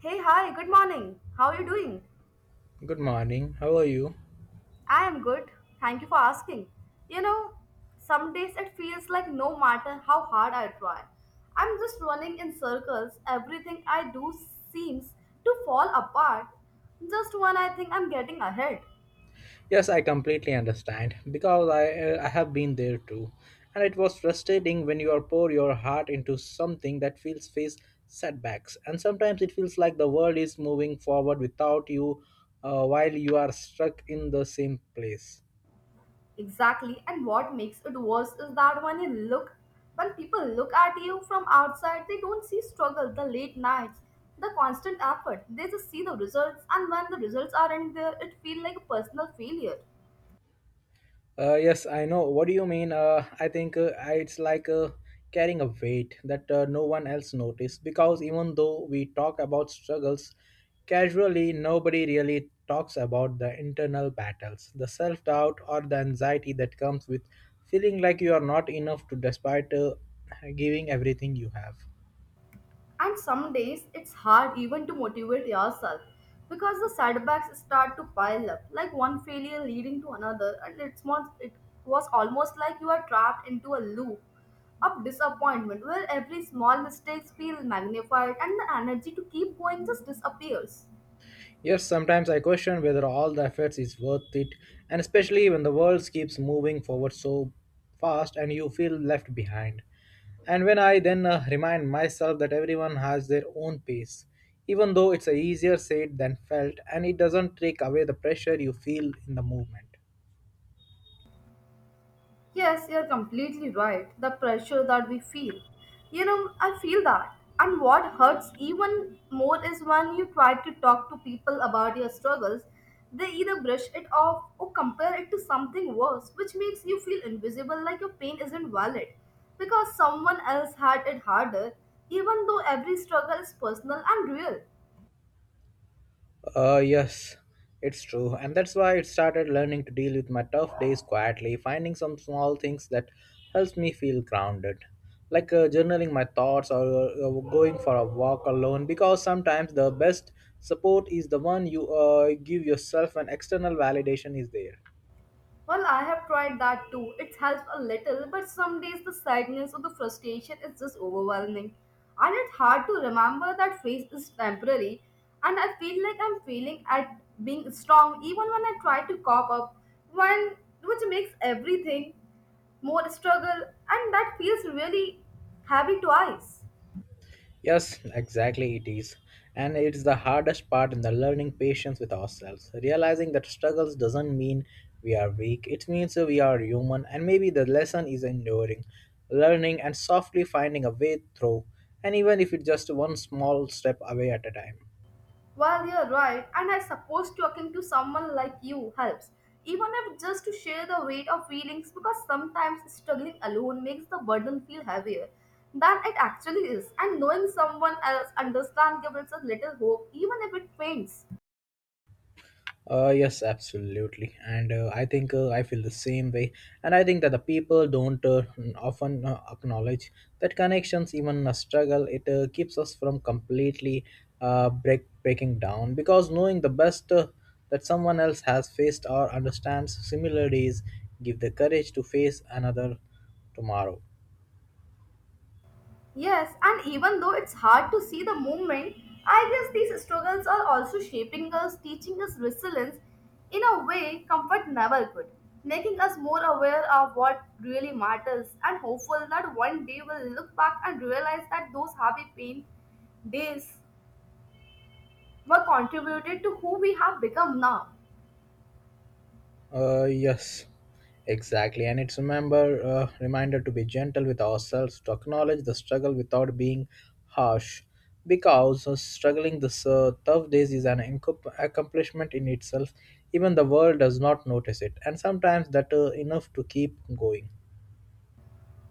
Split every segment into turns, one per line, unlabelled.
Hey, hi, good morning. How are you doing?
Good morning. How are you?
I am good. Thank you for asking. You know, some days it feels like no matter how hard I try, I'm just running in circles. Everything I do seems to fall apart just when I think I'm getting ahead.
Yes, I completely understand because I have been there too. And it was frustrating when you are pour your heart into something that feels face setbacks and sometimes it feels like the world is moving forward without you while you are stuck in the same place.
Exactly. And what makes it worse is that when people look at you from outside, they don't see struggle, the late nights, the constant effort. They just see the results, and when the results aren't there, it feels like a personal failure.
Yes, I know. What do you mean? I think it's like carrying a weight that no one else noticed because even though we talk about struggles casually, nobody really talks about the internal battles, the self doubt, or the anxiety that comes with feeling like you are not enough to despite giving everything you have.
And some days it's hard even to motivate yourself because the setbacks start to pile up, like one failure leading to another, and it was almost like you are trapped into a loop of disappointment where every small mistakes feel magnified and the energy to keep going just disappears.
Yes, sometimes I question whether all the efforts is worth it, and especially when the world keeps moving forward so fast and you feel left behind. And when I then remind myself that everyone has their own pace, even though it's a easier said than felt, and it doesn't take away the pressure you feel in the movement.
Yes, you're completely right. The pressure that we feel. You know, I feel that. And what hurts even more is when you try to talk to people about your struggles, they either brush it off or compare it to something worse, which makes you feel invisible like your pain isn't valid because someone else had it harder, even though every struggle is personal and real.
Yes, it's true. And that's why I started learning to deal with my tough days quietly, finding some small things that helps me feel grounded. Like journaling my thoughts or going for a walk alone, because sometimes the best support is the one you give yourself when external validation is there.
Well, I have tried that too. It helps a little, but some days the sadness or the frustration is just overwhelming. And it's hard to remember that phase is temporary, and I feel like I'm failing at being strong even when I try to cop up, when, which makes everything more struggle, and that feels really heavy twice.
Yes, exactly it is. And it is the hardest part in the learning patience with ourselves. Realizing that struggles doesn't mean we are weak. It means we are human and maybe the lesson is enduring, learning and softly finding a way through and even if it's just one small step away at a time.
Well, you're right, and I suppose talking to someone like you helps, even if just to share the weight of feelings, because sometimes struggling alone makes the burden feel heavier than it actually is, and knowing someone else understands gives us little hope, even if it faints.
Yes, absolutely, and I think I feel the same way, and I think that the people don't often acknowledge that connections, even a struggle, it keeps us from completely breaking down because knowing the best that someone else has faced or understands similarities give the courage to face another tomorrow.
Yes, and even though it's hard to see the movement, I guess these struggles are also shaping us, teaching us resilience in a way comfort never could, making us more aware of what really matters and hopeful that one day we'll look back and realize that those happy pain days were contributed to who we have become now.
Yes, exactly. And it's remember reminder to be gentle with ourselves, to acknowledge the struggle without being harsh, because struggling this tough days is an accomplishment in itself. Even the world does not notice it, and sometimes that enough to keep going.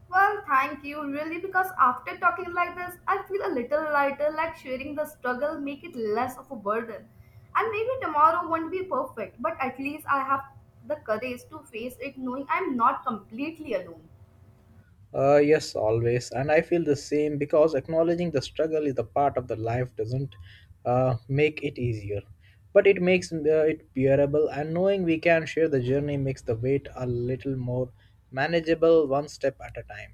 Well, thank you, really, because after talking like this, I feel a little lighter, like sharing the struggle make it less of a burden. And maybe tomorrow won't be perfect, but at least I have the courage to face it knowing I'm not completely alone.
Yes, always. And I feel the same because acknowledging the struggle is the part of the life doesn't make it easier. But it makes it bearable, and knowing we can share the journey makes the weight a little more manageable one step at a time.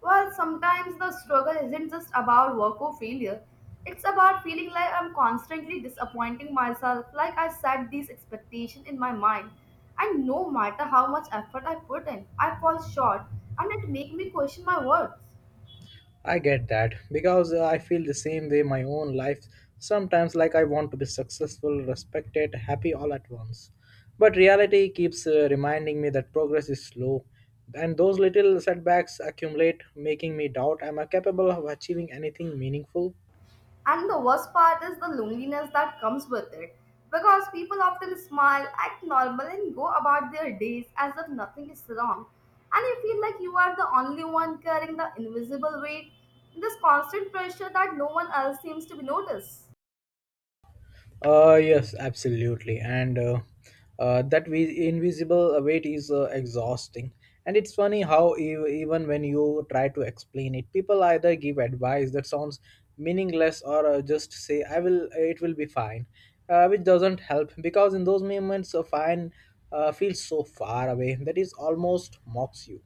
Well, sometimes the struggle isn't just about work or failure. It's about feeling like I'm constantly disappointing myself, like I set these expectations in my mind. And no matter how much effort I put in, I fall short and it makes me question my worth.
I get that because I feel the same way my own life sometimes like I want to be successful, respected, happy all at once. But reality keeps reminding me that progress is slow and those little setbacks accumulate making me doubt am I capable of achieving anything meaningful?
And the worst part is the loneliness that comes with it. Because people often smile, act normal, and go about their days as if nothing is wrong. And you feel like you are the only one carrying the invisible weight, this constant pressure that no one else seems to be noticed.
Yes, absolutely. And that we invisible weight is exhausting. And it's funny how even when you try to explain it, people either give advice that sounds meaningless or just say, "I will, it will be fine," which doesn't help because in those moments, fine feels so far away that it almost mocks you.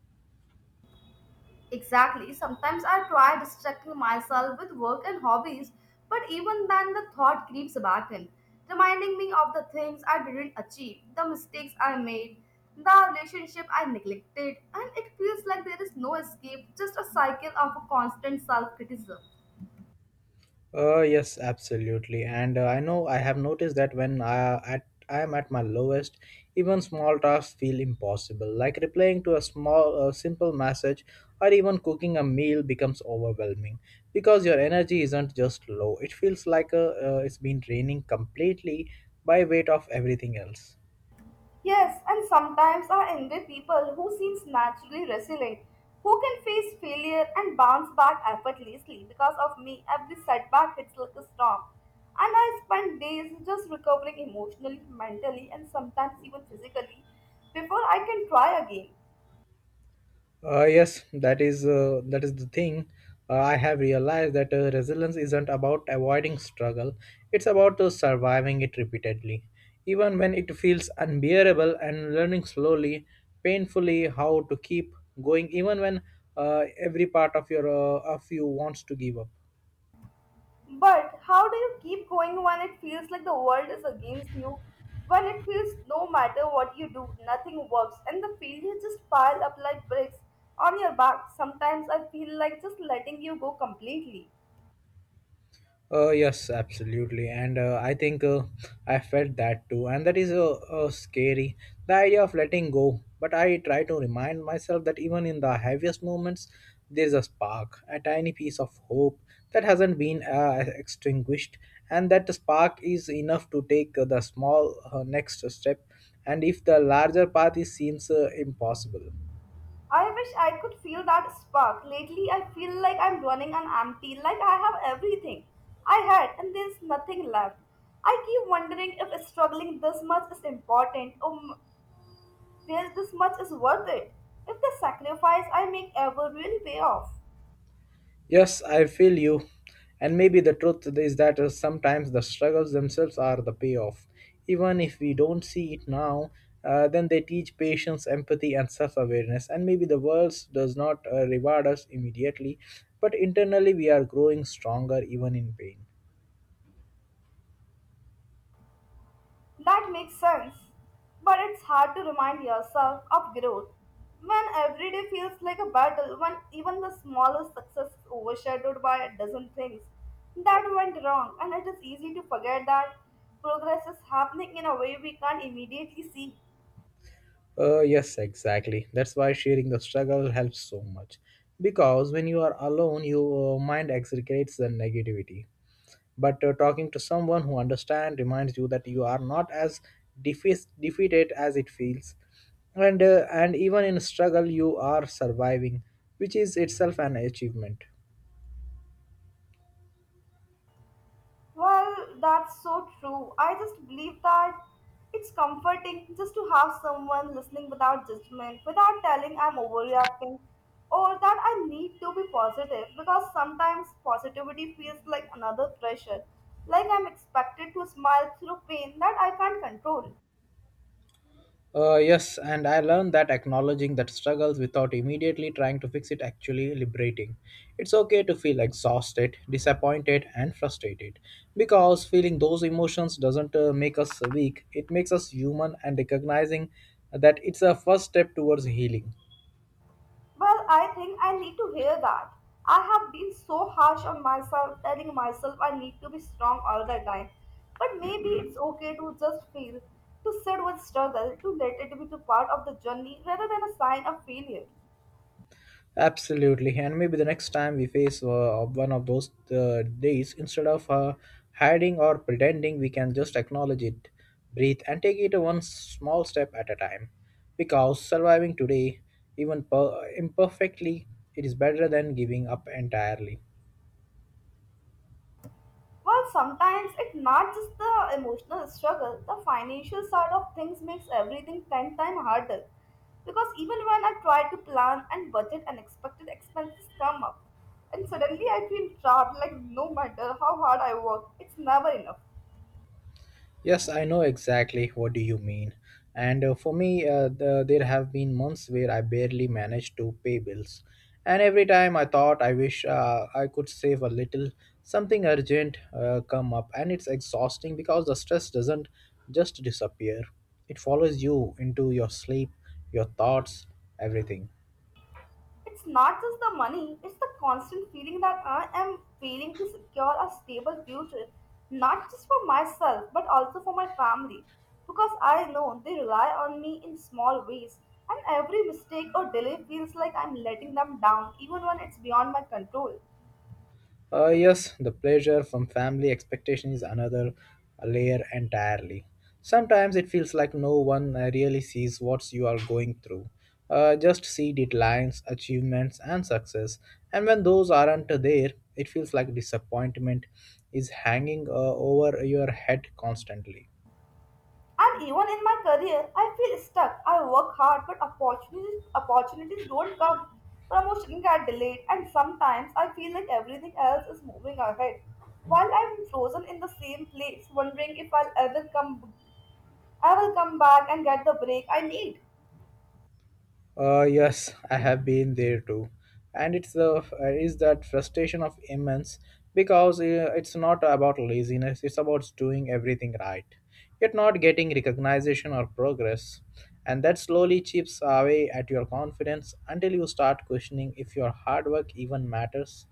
Exactly. Sometimes I try distracting myself with work and hobbies, but even then the thought creeps back in, reminding me of the things I didn't achieve, the mistakes I made, the relationship I neglected, and it feels like there is no escape, just a cycle of a constant self criticism.
Yes, absolutely. And I know I have noticed that when I am at my lowest, even small tasks feel impossible. Like replying to a small, simple message, or even cooking a meal becomes overwhelming because your energy isn't just low; it feels like it's been draining completely by weight of everything else.
Yes, and sometimes I envy people who seems naturally resilient, who can face failure and bounce back effortlessly. Because of me, every setback hits like a storm, and I spend days just recovering emotionally, mentally, and sometimes even physically before I can try again.
Yes, that is the thing. I have realized that resilience isn't about avoiding struggle; it's about surviving it repeatedly, even when it feels unbearable, and learning slowly, painfully, how to keep going, even when every part of you wants to give up.
But how do you keep going when it feels like the world is against you? When it feels no matter what you do, nothing works, and the failures just pile up like bricks on your back. Sometimes I feel like just letting you go completely.
Yes, absolutely, and I think I felt that too, and that is scary. The idea of letting go, but I try to remind myself that even in the heaviest moments, there's a spark, a tiny piece of hope that hasn't been extinguished, and that spark is enough to take the small next step, and if the larger path seems impossible.
I wish I could feel that spark. Lately, I feel like I'm running on empty, like I have everything I had, and there's nothing left. I keep wondering if struggling this much is important, or there's this much is worth it. If the sacrifice I make ever really pay off.
Yes, I feel you. And maybe the truth is that sometimes the struggles themselves are the payoff. Even if we don't see it now, then they teach patience, empathy, and self awareness. And maybe the world does not reward us immediately, but internally we are growing stronger even in pain.
That makes sense. But it's hard to remind yourself of growth when every day feels like a battle, when even the smallest success is overshadowed by a dozen things that went wrong, and it is easy to forget that progress is happening in a way we can't immediately see.
Yes, exactly. That's why sharing the struggle helps so much. Because when you are alone, your mind exaggerates the negativity. But talking to someone who understands reminds you that you are not as defeated as it feels, and even in struggle you are surviving, which is itself an achievement.
Well, that's so true. I just believe that it's comforting just to have someone listening without judgment, without telling I'm overreacting or that I need to be positive because sometimes positivity feels like another pressure, like I'm expected to smile through pain that I can't control.
Yes, and I learned that acknowledging that struggles without immediately trying to fix it actually liberating. It's okay to feel exhausted, disappointed, and frustrated because feeling those emotions doesn't make us weak, it makes us human, and recognizing that it's a first step towards healing.
Well, I think I need to hear that. I have been so harsh on myself, telling myself I need to be strong all the time. But maybe it's okay to just feel, to sit with struggle, to let it be to part of the journey rather than a sign of failure.
Absolutely, and maybe the next time we face one of those days, instead of hiding or pretending, we can just acknowledge it, breathe, and take it one small step at a time. Because surviving today, even imperfectly, it is better than giving up entirely.
Well, sometimes it's not just the emotional struggle, the financial side of things makes everything 10 times harder. Because even when I try to plan and budget, unexpected expenses come up. And suddenly I feel trapped, like no matter how hard I work, it's never enough.
Yes, I know exactly what do you mean. And for me, there have been months where I barely managed to pay bills. And every time I thought I wish I could save a little, something urgent come up and it's exhausting because the stress doesn't just disappear. It follows you into your sleep, your thoughts, everything.
It's not just the money, it's the constant feeling that I am failing to secure a stable future, not just for myself, but also for my family. Because I know they rely on me in small ways, and every mistake or delay feels like I'm letting them down, even when it's beyond my control.
Yes, the pressure from family expectation is another layer entirely. Sometimes it feels like no one really sees what you are going through. Just see deadlines, achievements, and success. And when those aren't there, it feels like disappointment is hanging over your head constantly.
And even in my career, I feel stuck. I work hard, but opportunities don't come. Promotion get delayed, and sometimes I feel like everything else is moving ahead, while I'm frozen in the same place, wondering if I'll ever come. I will come back and get the break I need.
Yes, I have been there too, and it's the is that frustration of immense because it's not about laziness; it's about doing everything right, yet not getting recognition or progress, and that slowly chips away at your confidence until you start questioning if your hard work even matters.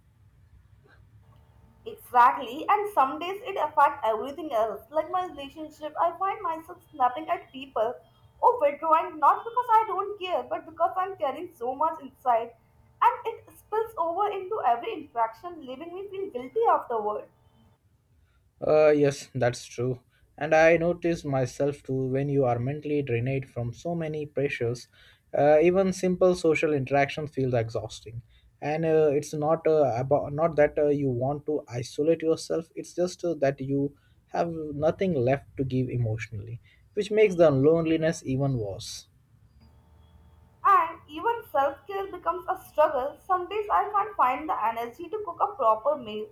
Exactly, and some days it affects everything else. Like my relationship, I find myself snapping at people or withdrawing not because I don't care, but because I'm carrying so much inside, and it spills over into every interaction, leaving me feel guilty afterward.
Yes, that's true. And I notice myself too when you are mentally drained from so many pressures, even simple social interactions feels exhausting. And it's not about not that you want to isolate yourself. It's just that you have nothing left to give emotionally, which makes the loneliness even worse.
And even self care becomes a struggle. Some days I can't find the energy to cook a proper meal,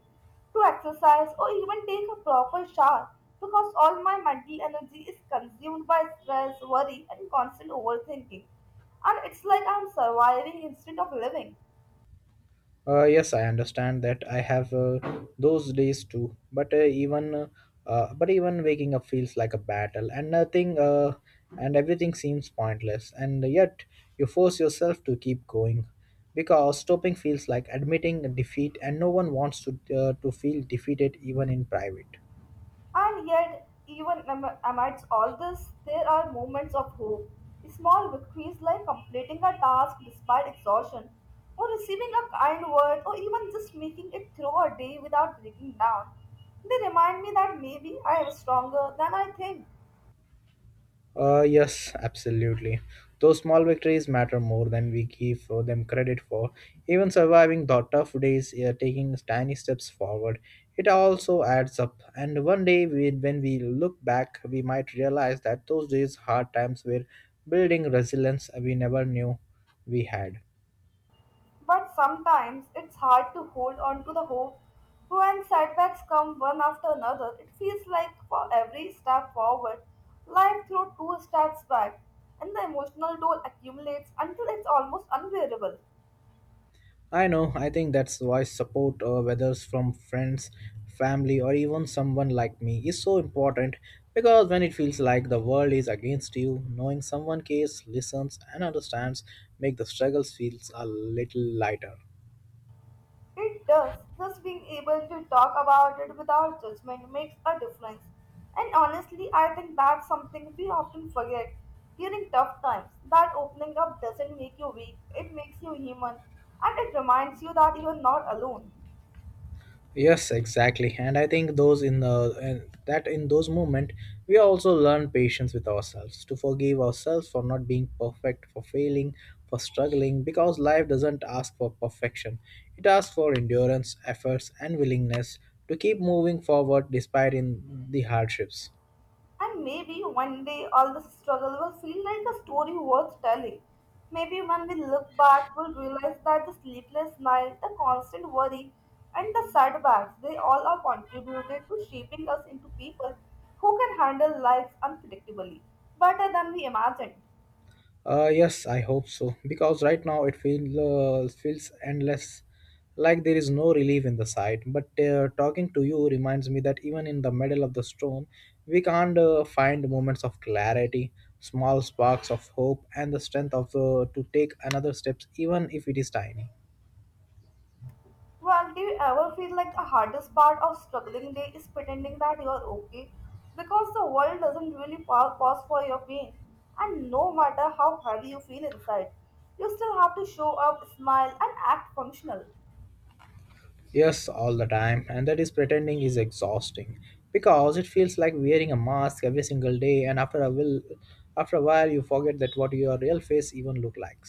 to exercise, or even take a proper shower because all my mental energy is consumed by stress, worry, and constant overthinking. And it's like I'm surviving instead of living.
Yes, I understand that. I have those days too, but even but even waking up feels like a battle, and nothing and everything seems pointless. And yet, you force yourself to keep going, because stopping feels like admitting defeat, and no one wants to feel defeated even in private.
And yet, even amidst all this, there are moments of hope. Small victories like completing a task despite exhaustion, or receiving a kind word, or even just making it through a day without breaking down. They remind me that maybe I am stronger than I think.
Yes, absolutely. Those small victories matter more than we give them credit for. Even surviving the tough days, taking tiny steps forward, it also adds up. And one day, when we look back, we might realize that those days, hard times, were building resilience we never knew we had.
But sometimes it's hard to hold on to the hope. When setbacks come one after another, it feels like for every step forward, life threw two steps back, and the emotional toll accumulates until it's almost unbearable.
I know, I think that's why support, whether it's from friends, family, or even someone like me, is so important because when it feels like the world is against you, knowing someone cares, listens, and understands make the struggles feels a little lighter.
It does. Just being able to talk about it without judgment makes a difference. And honestly, I think that's something we often forget during tough times. That opening up doesn't make you weak, it makes you human. And it reminds you that you're not alone.
Yes, exactly. And I think those in the and that in those moment we also learn patience with ourselves, to forgive ourselves for not being perfect, for failing, for struggling, because life doesn't ask for perfection. It asks for endurance, efforts, and willingness to keep moving forward despite in the hardships.
And maybe one day all this struggle will feel like a story worth telling. Maybe when we look back, we'll realize that the sleepless night, the constant worry, and the setbacks, they all are contributed to shaping us into people who can handle life unpredictably better than we imagined.
Yes, I hope so. Because right now it feels endless, like there is no relief in the sight. But talking to you reminds me that even in the middle of the storm, we can't find moments of clarity, small sparks of hope, and the strength of to take another steps, even if it is tiny.
Well, do you ever feel like the hardest part of struggling day is pretending that you are okay? Because the world doesn't really pause for your pain. And no matter how heavy you feel inside, you still have to show up, smile, and act functional.
Yes, all the time, and that is pretending is exhausting because it feels like wearing a mask every single day, and after a while, you forget that what your real face even look like,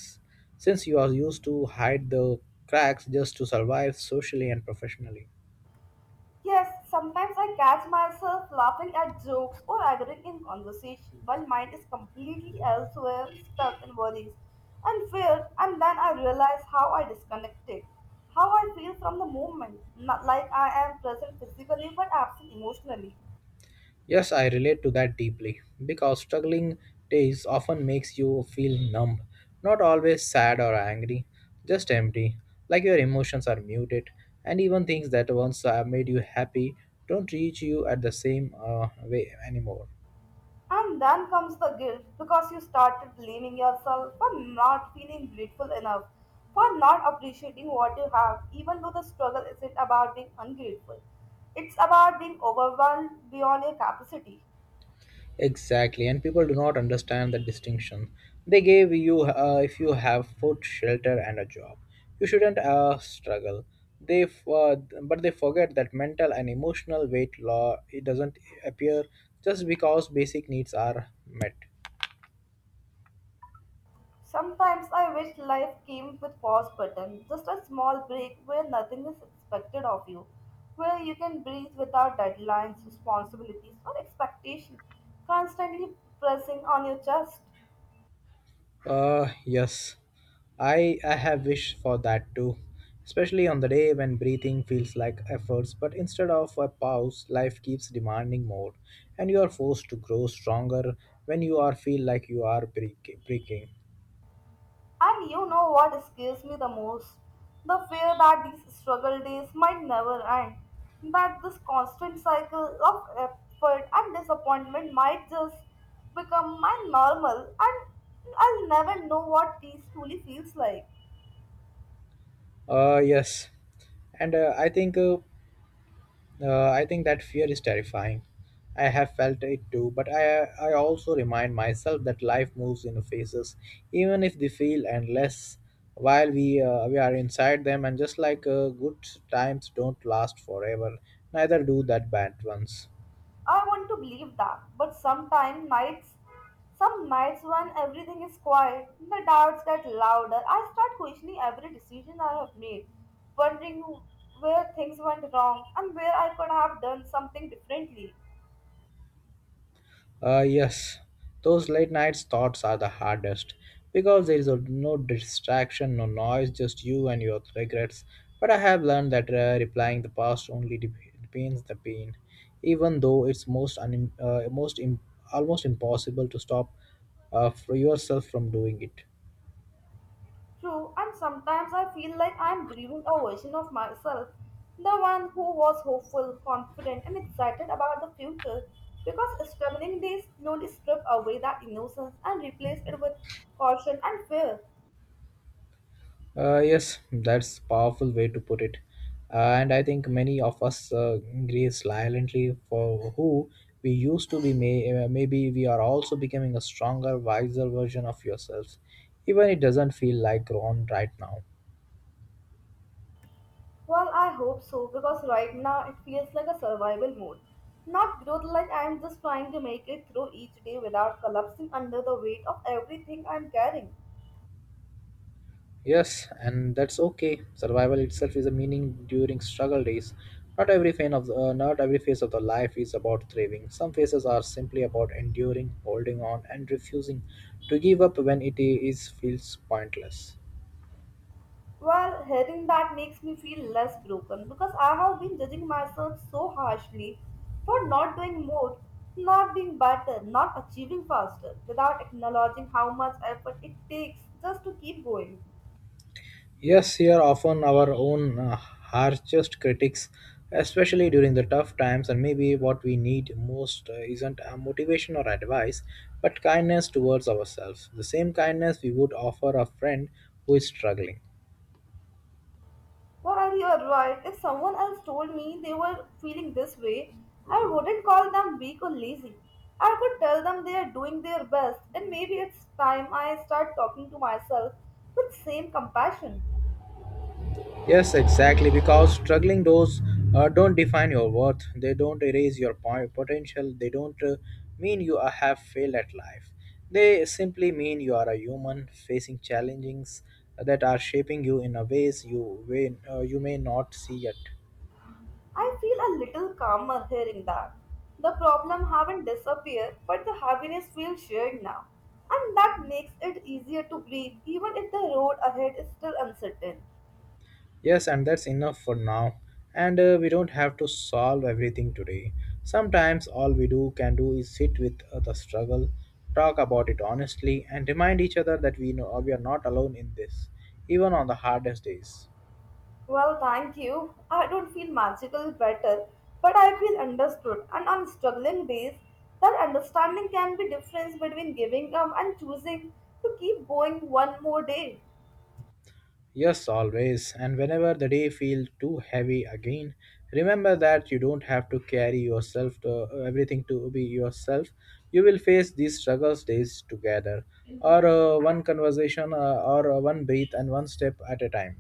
since you are used to hide the cracks just to survive socially and professionally.
Yes, sometimes I catch myself laughing at jokes or agreeing in conversation while mind is completely elsewhere, stuck in worries and fear, and then I realize how I disconnected, how I feel from the moment, not like I am present physically but absent emotionally.
Yes, I relate to that deeply because struggling days often makes you feel numb, not always sad or angry, just empty, like your emotions are muted, and even things that once made you happy don't reach you at the same way anymore.
And then comes the guilt because you started blaming yourself for not feeling grateful enough, for not appreciating what you have, even though the struggle isn't about being ungrateful. It's about being overwhelmed beyond your capacity.
Exactly, and people do not understand the distinction. They gave you if you have food, shelter, and a job, you shouldn't struggle. They f- uh, but they forget that mental and emotional weight law it doesn't appear just because basic needs are met.
Sometimes I wish life came with pause button, just a small break where nothing is expected of you, where you can breathe without deadlines, responsibilities, or expectation constantly pressing on your chest.
Yes, I have wished for that too, especially on the day when breathing feels like efforts, but instead of a pause, life keeps demanding more, and you are forced to grow stronger when you are feel like you are breaking.
And you know what scares me the most? The fear that these struggle days might never end. That this constant cycle of effort and disappointment might just become my normal and I'll never know what peace truly feels like.
Yes, and I think. I think that fear is terrifying. I have felt it too, but I also remind myself that life moves in phases, even if they feel endless while we are inside them, and just like good times don't last forever, neither do that bad ones.
I want to believe that, but some nights when everything is quiet, the doubts get louder. I start questioning every decision I have made, wondering where things went wrong and where I could have done something differently.
Yes, those late nights thoughts are the hardest because there is a, no distraction, no noise, just you and your regrets. But I have learned that replying the past only deepens the pain, even though it's most un- most im- almost impossible to stop for yourself from doing it.
True, and sometimes I feel like I am grieving a version of myself, the one who was hopeful, confident, and excited about the future, because struggling days slowly strip away that innocence and replace it with caution and fear.
Yes, that's powerful way to put it. And I think many of us grieve silently for who we used to be. Maybe we are also becoming a stronger, wiser version of yourselves, even it doesn't feel like grown right now.
Well, I hope so because right now it feels like a survival mode. Not growth, like I am just trying to make it through each day without collapsing under the weight of everything I'm carrying.
Yes, and that's okay. Survival itself is a meaning during struggle days. Not every phase of the, Not every phase of the life is about thriving. Some phases are simply about enduring, holding on, and refusing to give up when it is feels pointless.
Well, hearing that makes me feel less broken because I have been judging myself so harshly for not doing more, not being better, not achieving faster without acknowledging how much effort it takes just to keep going.
Yes, here often our own harshest critics, especially during the tough times, and maybe what we need most isn't motivation or advice, but kindness towards ourselves. The same kindness we would offer a friend who is struggling.
Well, you are right. If someone else told me they were feeling this way, I wouldn't call them weak or lazy. I could tell them they are doing their best, and maybe it's time I start talking to myself with same compassion.
Yes, exactly. Because struggling those don't define your worth. They don't erase your potential. They don't mean you are- have failed at life. They simply mean you are a human facing challenges that are shaping you in a way you may not see yet.
I feel a little calmer hearing that. The problem haven't disappeared, but the happiness feels shared now, and that makes it easier to breathe, even if the road ahead is still uncertain.
Yes, and that's enough for now. And we don't have to solve everything today. Sometimes all we do can do is sit with the struggle, talk about it honestly, and remind each other that we know we are not alone in this, even on the hardest days.
Well, thank you. I don't feel magical better, but I feel understood. And on struggling days, that understanding can be difference between giving up and choosing to keep going one more day.
Yes, always. And whenever the day feels too heavy again, remember that you don't have to carry yourself to everything to be yourself. You will face these struggles days together, or one conversation, or one breath, and one step at a time.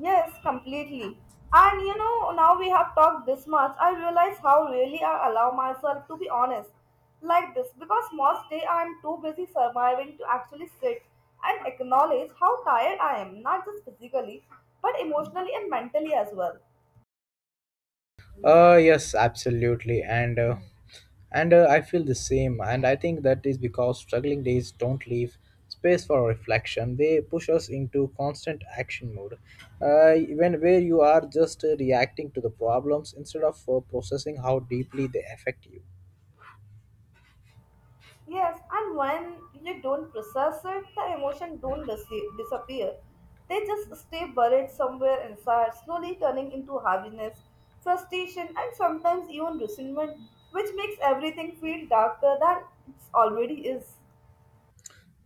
Yes, completely. And you know, now we have talked this much, I realize how really I allow myself to be honest like this because most day I am too busy surviving to actually sit and acknowledge how tired I am, not just physically, but emotionally and mentally as well.
Yes, absolutely, and I feel the same, and I think that is because struggling days don't leave space for reflection. They push us into constant action mode, when where you are just reacting to the problems instead of processing how deeply they affect you.
Yes, and when you don't process it, the emotion don't disappear. They just stay buried somewhere inside, slowly turning into heaviness, frustration, and sometimes even resentment, which makes everything feel darker than it already is.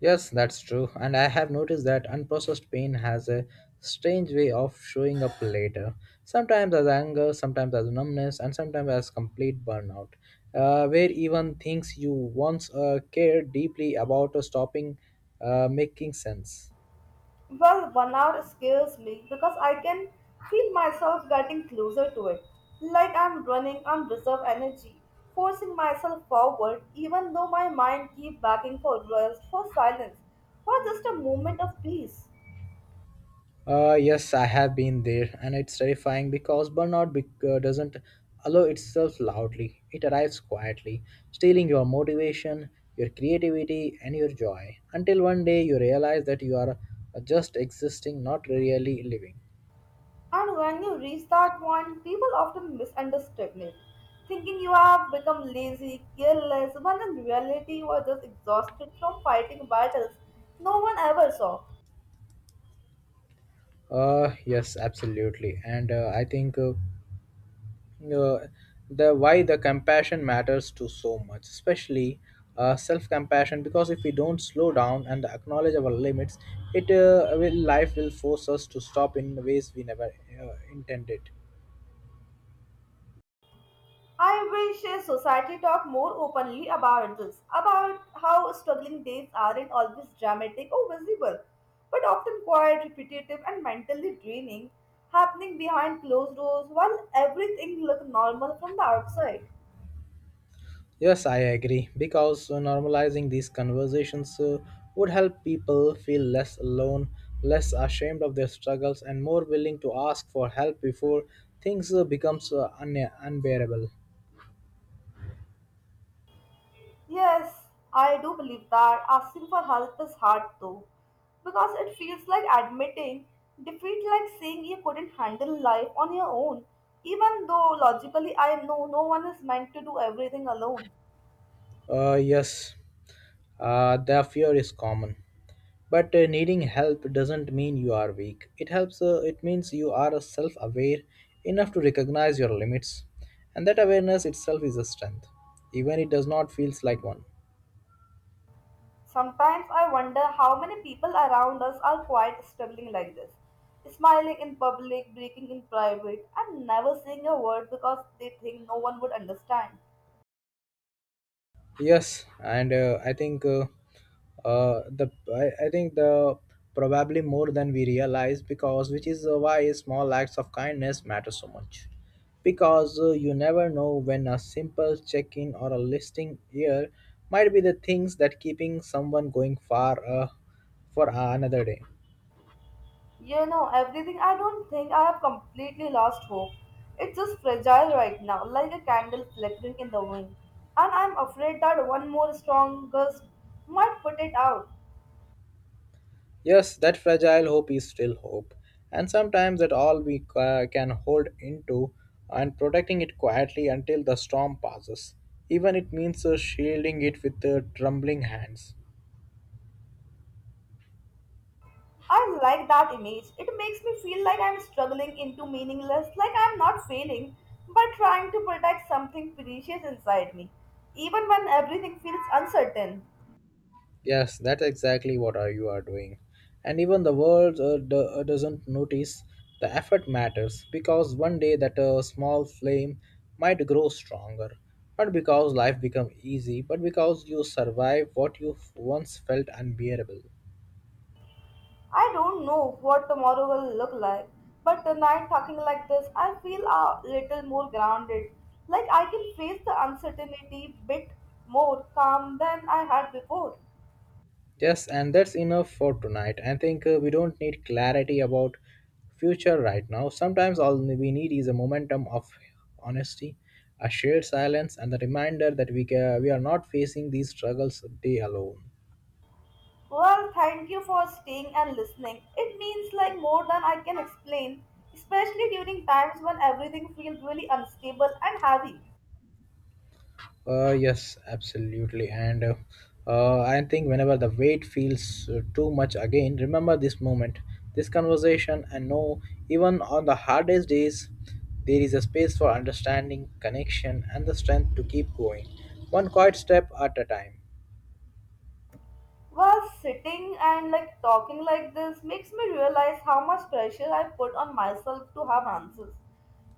Yes, that's true. And I have noticed that unprocessed pain has a strange way of showing up later. Sometimes as anger, sometimes as numbness, and sometimes as complete burnout, where even things you once cared deeply about are stopping making sense.
Well, one hour scares me because I can feel myself getting closer to it. Like I'm running on reserve energy, forcing myself forward even though my mind keeps begging for rest, for silence, for just a moment of peace.
Yes, I have been there, and it's terrifying because burnout bec doesn't allow itself loudly. It arrives quietly, stealing your motivation, your creativity, and your joy, until one day you realize that you are just existing, not really living.
And when you reach that point, people often misunderstand it, thinking you have become lazy, careless, when in reality you are just exhausted from fighting battles no one ever saw.
Yes, absolutely, and I think. Uh, the why the compassion matters to so much especially self compassion because if we don't slow down and acknowledge our limits it will life will force us to stop in ways we never intended.
I wish society talked more openly about this, about how struggling days aren't always dramatic or visible, but often quite repetitive and mentally draining, happening behind closed doors while everything looks normal from the outside.
Yes, I agree because normalizing these conversations would help people feel less alone, less ashamed of their struggles and more willing to ask for help before things becomes unbearable.
Yes, I do believe that asking for help is hard though, because it feels like admitting defeat, like saying you couldn't handle life on your own, even though logically I know no one is meant to do everything alone.
Yes. The fear is common, but needing help doesn't mean you are weak. It helps. It means you are self-aware enough to recognize your limits, and that awareness itself is a strength, even it does not feels like one.
Sometimes I wonder how many people around us are quite struggling like this, smiling in public, breaking in private, and never saying a word because they think no one would understand.
Yes, and I think the I think the probably more than we realize because which is why small acts of kindness matter so much. Because you never know when a simple check-in or a listing here might be the things that keeping someone going far for another day.
You know, everything I don't think I have completely lost hope. It's just fragile right now, like a candle flickering in the wind. And I'm afraid that one more strong gust might put it out.
Yes, that fragile hope is still hope, and sometimes that all we can hold into and protecting it quietly until the storm passes. Even it means shielding it with trembling hands.
I like that image. It makes me feel like I'm struggling into meaningless, like I'm not failing, but trying to protect something precious inside me, even when everything feels uncertain.
Yes, that's exactly what are you are doing. And even the world doesn't notice the effort matters because one day that small flame might grow stronger. Not because life become easy, but because you survive what you once felt unbearable.
I don't know what tomorrow will look like, but tonight, talking like this, I feel a little more grounded, like I can face the uncertainty bit more calm than I had before.
Yes, and that's enough for tonight. I think we don't need clarity about future right now. Sometimes all we need is a momentum of honesty, a shared silence, and the reminder that we are not facing these struggles day alone.
Well, thank you for staying and listening. It means like more than I can explain, especially during times when everything feels really unstable and heavy.
Yes, absolutely. And I think whenever the weight feels too much again, remember this moment, this conversation, and know even on the hardest days, there is a space for understanding, connection, and the strength to keep going, one quiet step at a time.
Well, sitting and like talking like this makes me realize how much pressure I put on myself to have answers,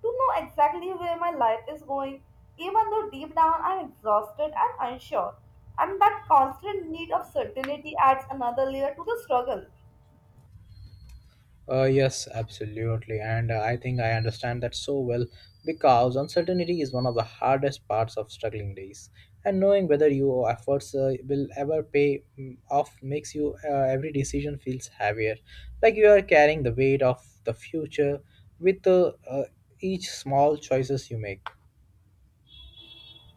to know exactly where my life is going, even though deep down I'm exhausted and unsure. And that constant need of certainty adds another layer to the struggle.
Yes, absolutely. And I think I understand that so well because uncertainty is one of the hardest parts of struggling days. And knowing whether your efforts will ever pay off makes you every decision feels heavier. Like you are carrying the weight of the future with each small choices you make.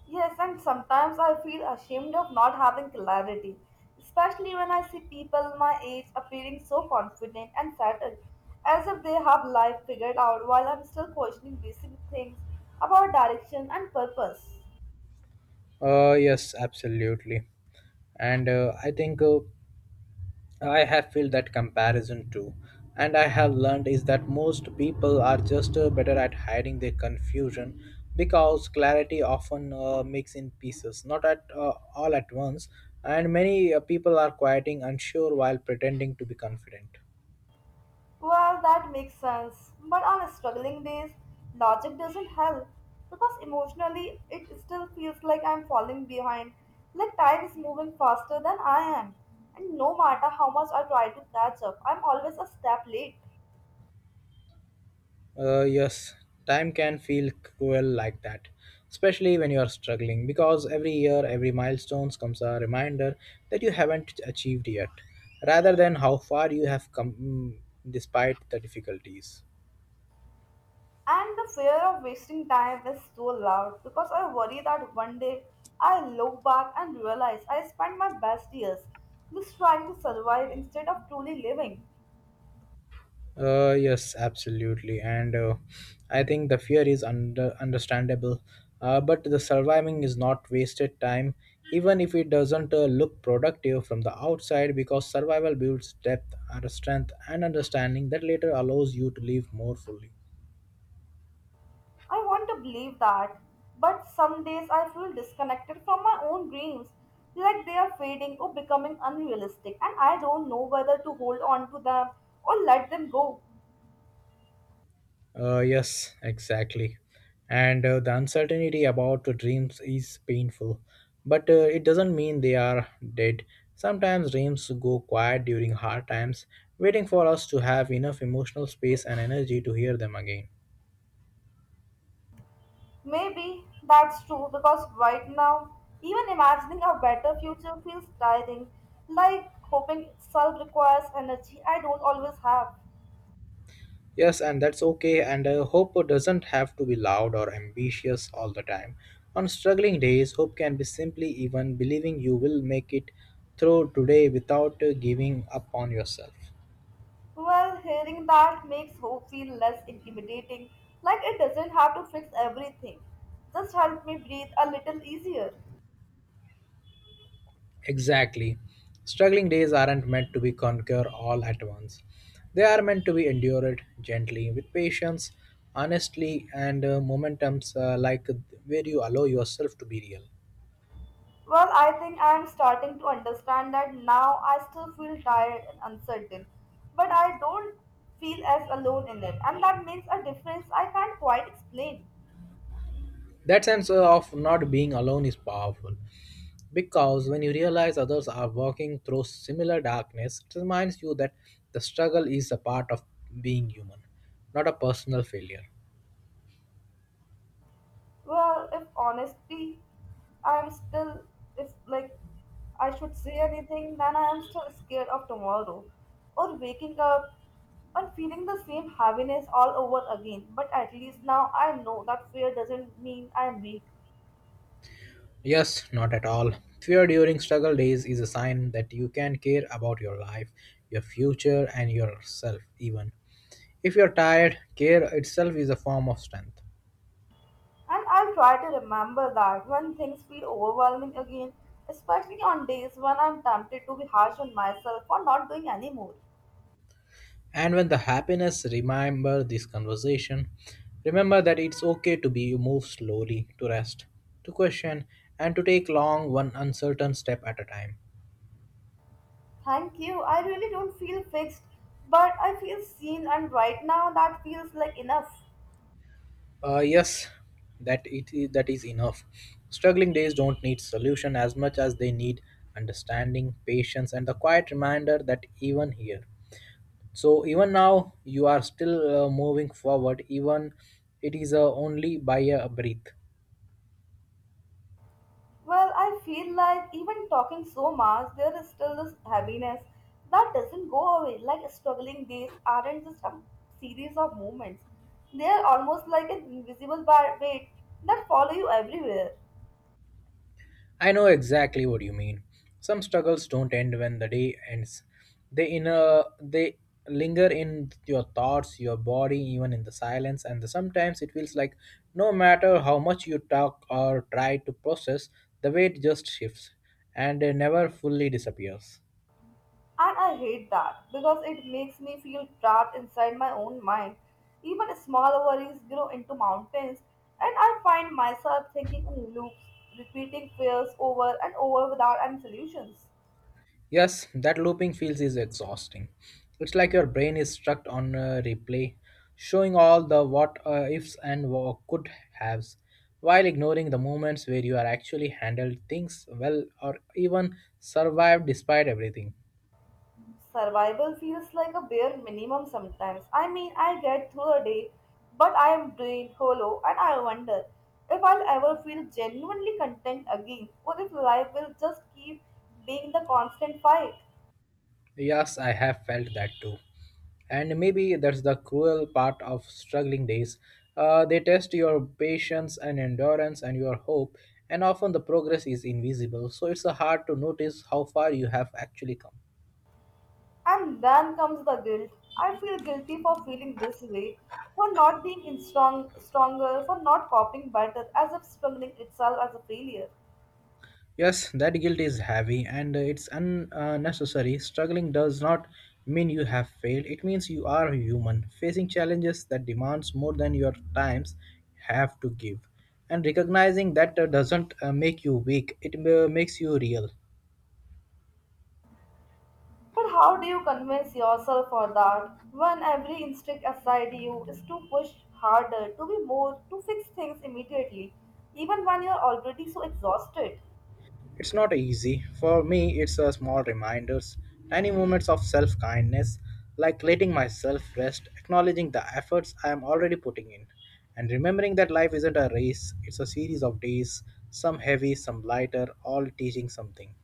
Yes, and sometimes I feel ashamed of not having clarity, especially when I see people my age appearing so confident and settled, as if they have life figured out while I'm still questioning basic things about direction and purpose.
Yes, absolutely. And I have felt that comparison too, and I have learned is that most people are just better at hiding their confusion because clarity often makes in pieces, not at all at once, and many people are quieting unsure while pretending to be confident.
Well, that makes sense, but on struggling days, logic doesn't help because emotionally it still feels like I'm falling behind, like time is moving faster than I am, and no matter how much I try to catch up, I'm always a step late.
Yes, time can feel cruel like that, especially when you are struggling, because every year, every milestone comes a reminder that you haven't achieved yet, rather than how far you have come despite the difficulties.
And the fear of wasting time is so loud because I worry that one day I look back and realize I spent my best years just trying to survive instead of truly living.
Yes, absolutely, and I think the fear is understandable. But the surviving is not wasted time, even if it doesn't look productive from the outside, because survival builds depth, and strength, and understanding that later allows you to live more fully.
I want to believe that, but some days I feel disconnected from my own dreams, like they are fading or becoming unrealistic, and I don't know whether to hold on to them or let them go.
Yes, exactly. And the uncertainty about the dreams is painful, but it doesn't mean they are dead. Sometimes dreams go quiet during hard times, waiting for us to have enough emotional space and energy to hear them again.
Maybe that's true because right now, even imagining a better future feels tiring, like hoping itself requires energy I don't always have.
Yes, and that's okay, and hope doesn't have to be loud or ambitious all the time. On struggling days, hope can be simply even believing you will make it through today without giving up on yourself.
Well, hearing that makes hope feel less intimidating, like it doesn't have to fix everything. Just help me breathe a little easier.
Exactly. Struggling days aren't meant to be conquered all at once. They are meant to be endured gently, with patience, honestly, and momentums like where you allow yourself to be real.
Well, I think I am starting to understand that now. I still feel tired and uncertain, but I don't feel as alone in it, and that makes a difference I can't quite explain.
That sense of not being alone is powerful because when you realize others are walking through similar darkness, it reminds you that the struggle is a part of being human, not a personal failure.
Well, if honestly, I'm still, if like I should say anything, then I am still scared of tomorrow or waking up and feeling the same heaviness all over again. But at least now I know that fear doesn't mean I'm weak.
Yes, not at all. Fear during struggle days is a sign that you can care about your life, your future, and yourself, even. If you're tired, care itself is a form of strength.
And I'll try to remember that when things feel overwhelming again, especially on days when I'm tempted to be harsh on myself for not doing any more.
And when the happiness, remember this conversation. Remember that it's okay to be move slowly, to rest, to question, and to take long one uncertain step at a time.
Thank you. I really don't feel fixed, but I feel seen, and right now that feels like enough.
Yes, that is enough. Struggling days don't need solution as much as they need understanding, patience, and the quiet reminder that even here. So even now you are still moving forward. Even it is only by a breath.
Well, I feel like even talking so much, there is still this heaviness that doesn't go away. Like struggling days aren't just a series of moments, they are almost like an invisible weight that follow you everywhere.
I know exactly what you mean. Some struggles don't end when the day ends. They linger in your thoughts, your body, even in the silence, and the, sometimes it feels like no matter how much you talk or try to process, the weight just shifts and it never fully disappears.
And I hate that because it makes me feel trapped inside my own mind. Even small worries grow into mountains, and I find myself thinking in loops, repeating fears over and over without any solutions.
Yes, that looping feels is exhausting. It's like your brain is stuck on a replay, showing all the what ifs and what could haves, while ignoring the moments where you are actually handled things well or even survived despite everything.
Survival feels like a bare minimum sometimes. I mean, I get through the day, but I am drained, hollow, and I wonder if I'll ever feel genuinely content again, or if life will just keep being the constant fight.
Yes, I have felt that too. And maybe that's the cruel part of struggling days. They test your patience and endurance and your hope, and often the progress is invisible, so it's hard to notice how far you have actually come.
And then comes the guilt. I feel guilty for feeling this way, for not being stronger, for not coping better, as if struggling itself as a failure.
Yes, that guilt is heavy and it's unnecessary. Struggling does not mean you have failed. It means you are human, facing challenges that demands more than your times have to give. And recognizing that doesn't make you weak. It makes you real.
But how do you convince yourself for that when every instinct aside you is to push harder, to be more, to fix things immediately, even when you're already so exhausted?
It's not easy. For me, it's a small reminders, tiny moments of self kindness, like letting myself rest, acknowledging the efforts I am already putting in, and remembering that life isn't a race, it's a series of days, some heavy, some lighter, all teaching something.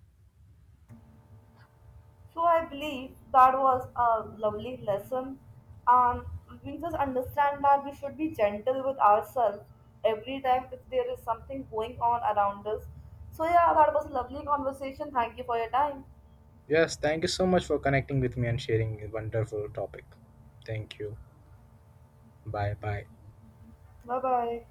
So I believe that was a lovely lesson, and we just understand that we should be gentle with ourselves every time if there is something going on around us. So yeah, that was a lovely conversation. Thank you for your time.
Yes, thank you so much for connecting with me and sharing a wonderful topic. Thank you. Bye bye.
Bye bye.